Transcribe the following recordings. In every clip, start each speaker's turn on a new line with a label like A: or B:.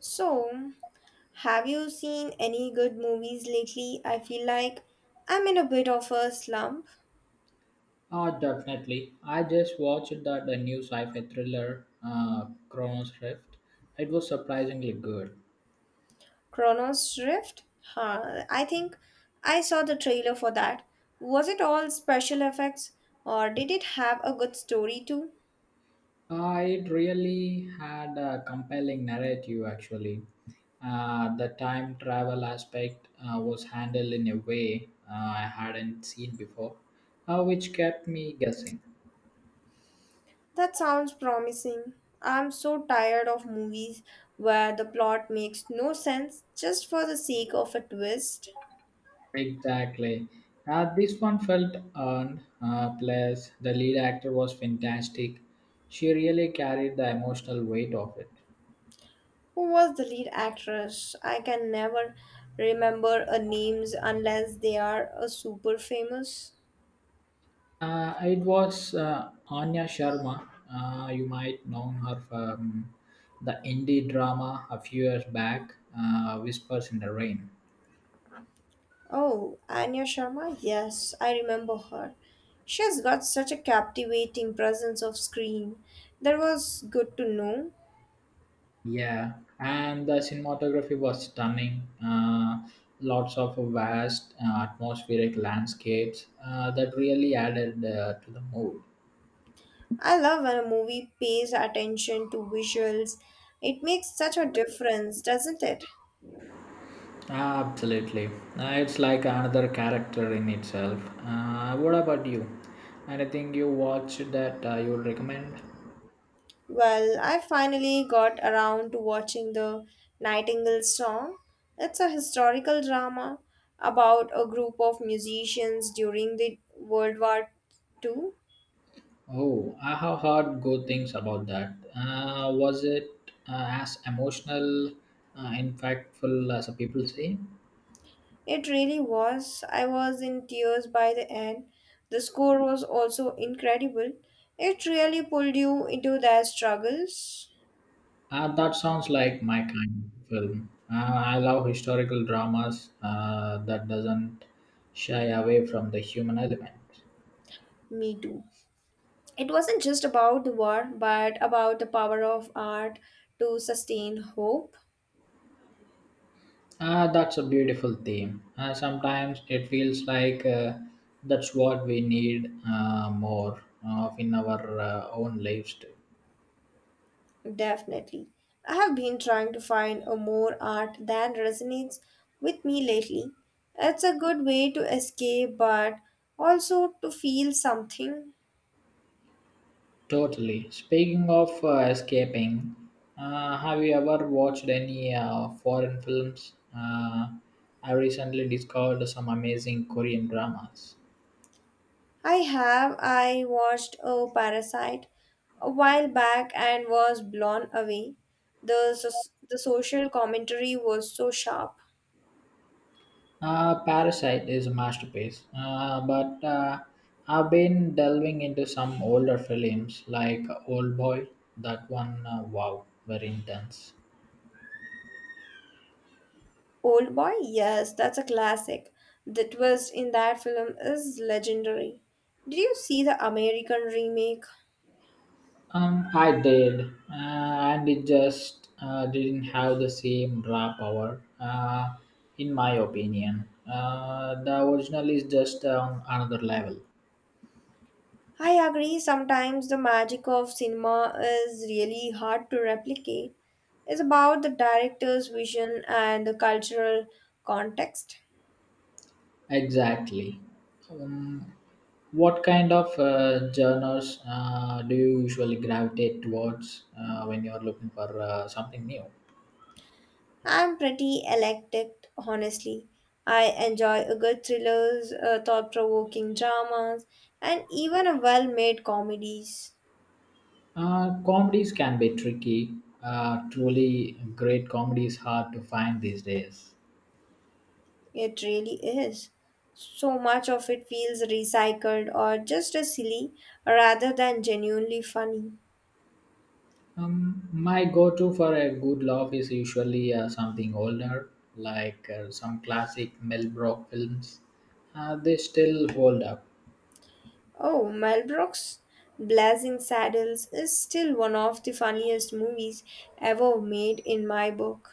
A: So, have you seen any good movies lately? I feel like I'm in a bit of a slump.
B: Oh, definitely. I just watched that a new sci-fi thriller, Chronos Rift. It was surprisingly good.
A: Chronos Rift? Huh, I think I saw the trailer for that. Was it all special effects or did it have a good story too?
B: It really had a compelling narrative, actually. The time travel aspect was handled in a way I hadn't seen before, which kept me guessing.
A: That sounds promising. I'm so tired of movies where the plot makes no sense just for the sake of a twist.
B: Exactly. This one felt earned. Plus, the lead actor was fantastic. She really carried the emotional weight of it.
A: Who was the lead actress? I can never remember a names unless they are a super famous.
B: It was Anya Sharma. You might know her from the indie drama a few years back, Whispers in the Rain.
A: Oh, Anya Sharma? Yes, I remember her. She has got such a captivating presence of screen. That was good to know.
B: Yeah, and the cinematography was stunning. Lots of vast atmospheric landscapes that really added to the mood.
A: I love when a movie pays attention to visuals. It makes such a difference, doesn't it?
B: Absolutely. It's like another character in itself. What about you? Anything you watched that you would recommend?
A: Well, I finally got around to watching The Nightingale Song. It's a historical drama about a group of musicians during the World War Two.
B: Oh, I have heard good things about that. Was it as emotional, impactful as people say?
A: It really was. I was in tears by the end. The score was also incredible. It really pulled you into their struggles.
B: That sounds like my kind of film. I love historical dramas that doesn't shy away from the human element.
A: Me too. It wasn't just about the war, but about the power of art to sustain hope.
B: Ah, that's a beautiful theme. Sometimes it feels like that's what we need more of in our own lives too.
A: Definitely. I have been trying to find a more art that resonates with me lately. It's a good way to escape but also to feel something.
B: Totally. Speaking of escaping, have you ever watched any foreign films? I recently discovered some amazing Korean dramas.
A: I have, I watched a parasite a while back and was blown away. The social commentary was so sharp.
B: Parasite is a masterpiece, but I've been delving into some older films like Old Boy. That one, wow, very intense.
A: Old Boy, yes, that's a classic. The twist in that film is legendary. Did you see the American remake?
B: I did, and it just didn't have the same raw power, in my opinion. The original is just on another level.
A: I agree, sometimes the magic of cinema is really hard to replicate. It's about the director's vision and the cultural context.
B: Exactly. Um, what kind of genres do you usually gravitate towards when you're looking for something new?
A: I'm pretty eclectic, honestly. I enjoy a good thrillers, thought-provoking dramas, and even a well-made comedies.
B: Comedies can be tricky. Truly great comedy is hard to find these days.
A: It really is. So much of it feels recycled or just as silly rather than genuinely funny.
B: My go-to for a good laugh is usually something older, like some classic Mel Brooks films. They still hold up.
A: Oh, Mel Brooks' Blazing Saddles is still one of the funniest movies ever made in my book.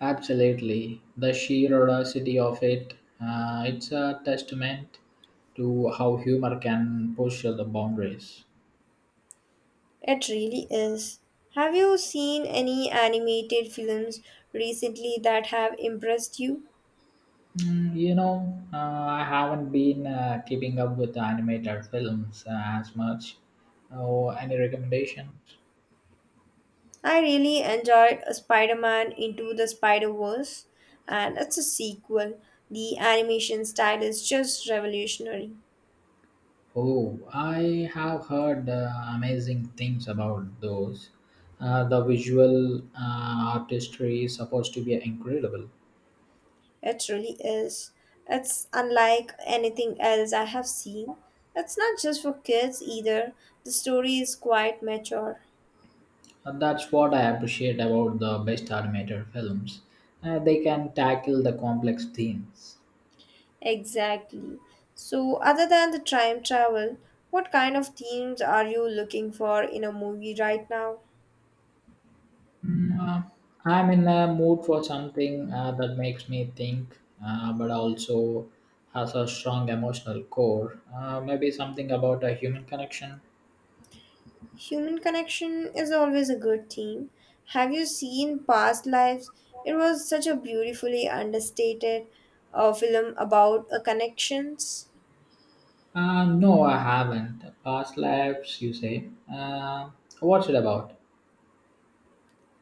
B: Absolutely, the sheer audacity of it. It's a testament to how humor can push the boundaries.
A: It really is. Have you seen any animated films recently that have impressed you?
B: You know, I haven't been keeping up with the animated films as much. Oh, any recommendations?
A: I really enjoyed Spider Man Into the Spider Verse, and it's a sequel. The animation style is just revolutionary.
B: Oh, I have heard amazing things about those. The visual artistry is supposed to be incredible.
A: It really is. It's unlike anything else I have seen. It's not just for kids either. The story is quite mature.
B: And that's what I appreciate about the best animated films. They can tackle the complex themes.
A: Exactly. So, other than the time travel, what kind of themes are you looking for in a movie right now?
B: Mm, uh, I'm in a mood for something that makes me think, but also has a strong emotional core. Maybe something about a human connection.
A: Human connection is always a good theme. Have you seen Past Lives? It was such a beautifully understated film about connections.
B: No, I haven't. Past lives, you say? What's it about?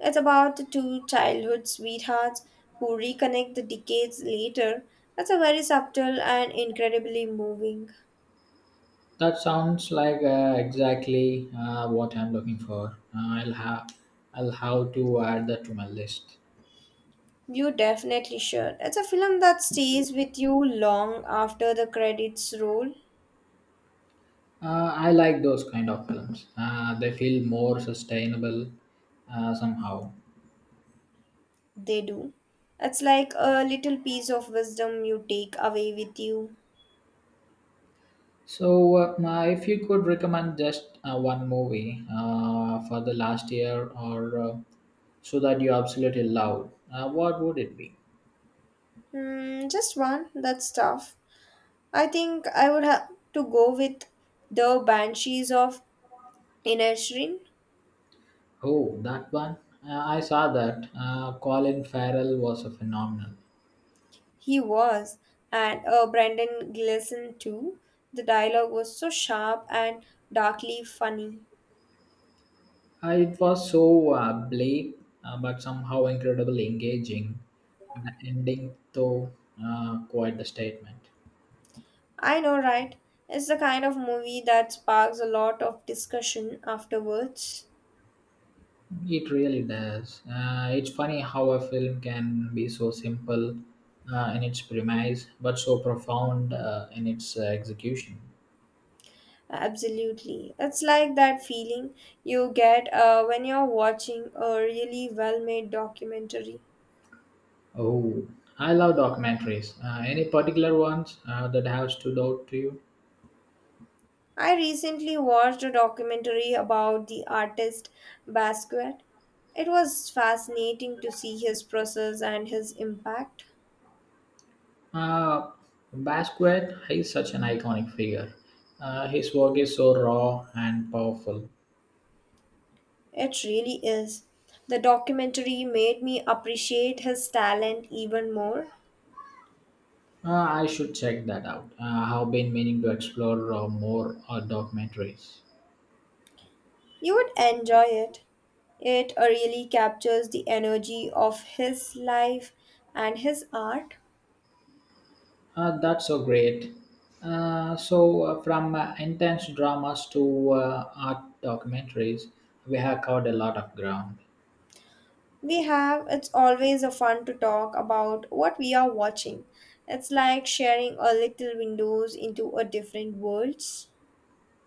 A: It's about the two childhood sweethearts who reconnect the decades later. It's a very subtle and incredibly moving.
B: That sounds like exactly what I'm looking for. I'll have to add that to my list.
A: You definitely should. It's a film that stays with you long after the credits roll.
B: I like those kind of films. They feel more sustainable somehow.
A: They do. It's like a little piece of wisdom you take away with you.
B: So, now if you could recommend just one movie for the last year or so that you absolutely love, what would it be?
A: Hmm, just one. That's tough. I think I would have to go with The Banshees of Inisherin.
B: Oh, that one. I saw that. Colin Farrell was a phenomenal.
A: He was, and Brendan Gleeson too. The dialogue was so sharp and darkly funny.
B: It was so bleak, but somehow incredibly engaging. The ending, though, quite the statement.
A: I know, right? It's the kind of movie that sparks a lot of discussion afterwards.
B: It really does. It's funny how a film can be so simple in its premise, but so profound in its execution.
A: Absolutely. It's like that feeling you get when you're watching a really well made documentary.
B: Oh, I love documentaries. Any particular ones that have stood out to you?
A: I recently watched a documentary about the artist Basquiat. It was fascinating to see his process and his impact.
B: Uh, Basquiat He's such an iconic figure. His work is so raw and powerful.
A: It really is. The documentary made me appreciate his talent even more.
B: I should check that out. I've been meaning to explore more documentaries.
A: You would enjoy it. It really captures the energy of his life and his art.
B: That's so great. So, from intense dramas to art documentaries, we have covered a lot of ground.
A: We have, it's always a fun to talk about what we are watching. It's like sharing a little windows into a different worlds.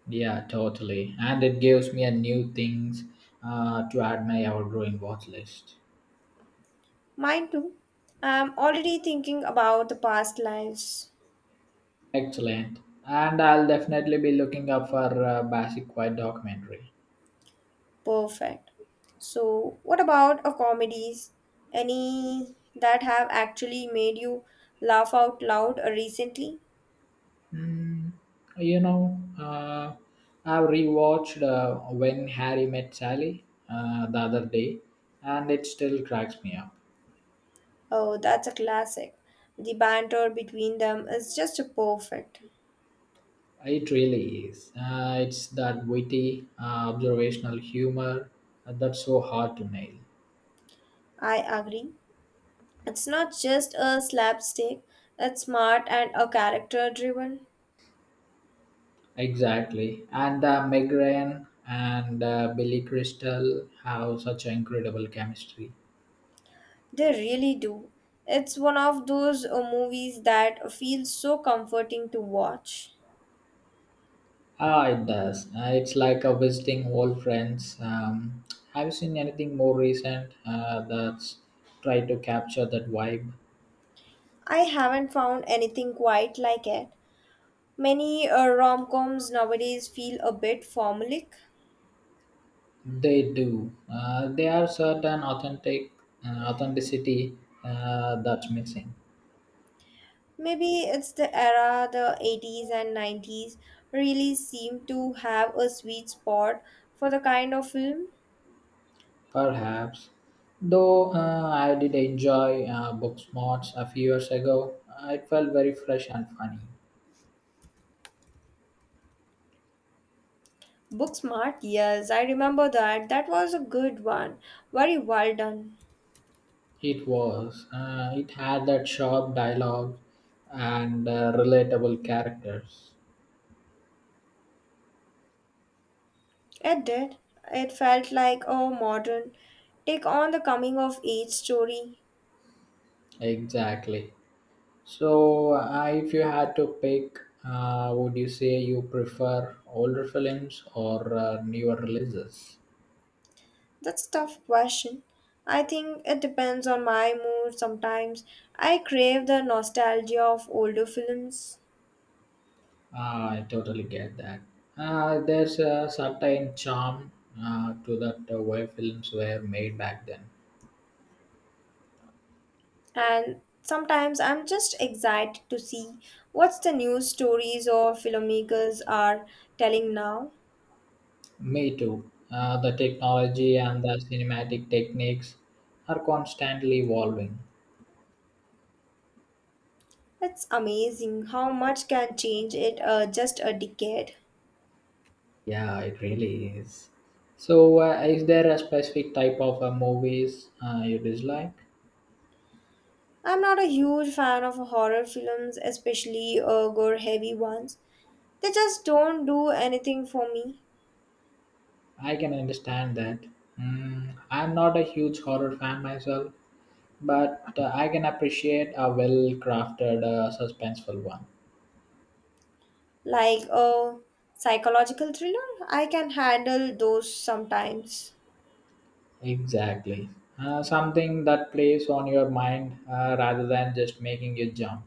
B: Yeah, totally. And it gives me a new things to add my ever growing watch list.
A: Mine too. I'm already thinking about the past lives.
B: Excellent. And I'll definitely be looking up for Basic White documentary.
A: Perfect. So, what about a comedies? Any that have actually made you laugh out loud recently?
B: Mm, you know, I've rewatched When Harry Met Sally the other day, and it still cracks me up.
A: Oh, that's a classic. The banter between them is just perfect.
B: It really is. It's that witty, observational humor that's so hard to nail.
A: I agree. It's not just a slapstick, it's smart and a character driven.
B: Exactly. And Meg Ryan and Billy Crystal have such incredible chemistry.
A: They really do. It's one of those movies that feels so comforting to watch.
B: Ah, it does. It's like a visiting old friends. Have you seen anything more recent that's try to capture that vibe?
A: I haven't found anything quite like it. Many rom-coms nowadays feel a bit formulaic.
B: They do. They have certain authentic authenticity that's missing,
A: Maybe it's the era, the 80s and 90s really seem to have a sweet spot for the kind of film.
B: perhaps. Though I did enjoy Booksmarts a few years ago, it felt very fresh and funny.
A: Book Smart, yes, I remember that. That was a good one. Very well done.
B: It was. It had that sharp dialogue and relatable characters.
A: It did. It felt like a modern take on the coming of age story.
B: Exactly. So, if you had to pick, would you say you prefer older films or newer releases?
A: That's a tough question. I think it depends on my mood sometimes. I crave the nostalgia of older films,
B: Ah, I totally get that. There's a certain charm to that way films were made back then.
A: and sometimes I'm just excited to see what's the new stories or filmmakers are telling now.
B: Me too. The technology and the cinematic techniques are constantly evolving.
A: It's amazing how much can change it just a decade.
B: Yeah, it really is. So, is there a specific type of movies you dislike?
A: I'm not a huge fan of horror films, especially gore heavy ones. They just don't do anything for me.
B: I can understand that. I'm not a huge horror fan myself, but I can appreciate a well crafted, suspenseful one.
A: Like a psychological thriller. I can handle those sometimes.
B: Exactly. Something that plays on your mind rather than just making you jump.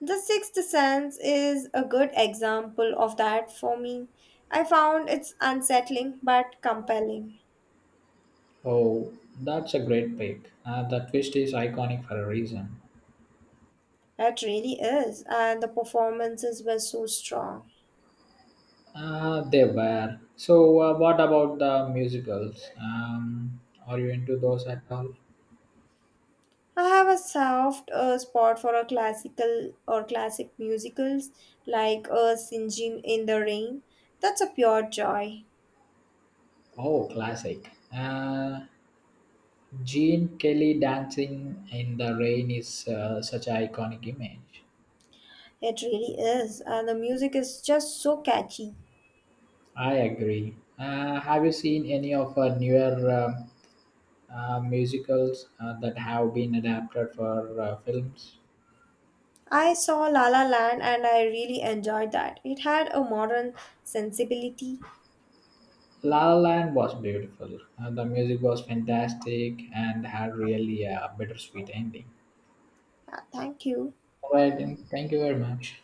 A: The Sixth Sense is a good example of that for me. I found it's unsettling but compelling.
B: Oh, that's a great pick. The twist is iconic for a reason.
A: It really is, and the performances were so strong.
B: They were. So, what about the musicals? Are you into those at all?
A: I have a soft spot for a classical or classic musicals like Singing in the Rain. That's a pure joy.
B: Oh, classic. Gene Kelly dancing in the rain is such an iconic image.
A: It really is, and the music is just so catchy.
B: I agree. Have you seen any of her newer um, musicals that have been adapted for films?
A: I saw La La Land and I really enjoyed that. It had a modern sensibility.
B: La La Land was beautiful. The music was fantastic and had really a bittersweet ending.
A: Yeah, thank you.
B: All right, then. Thank you very much.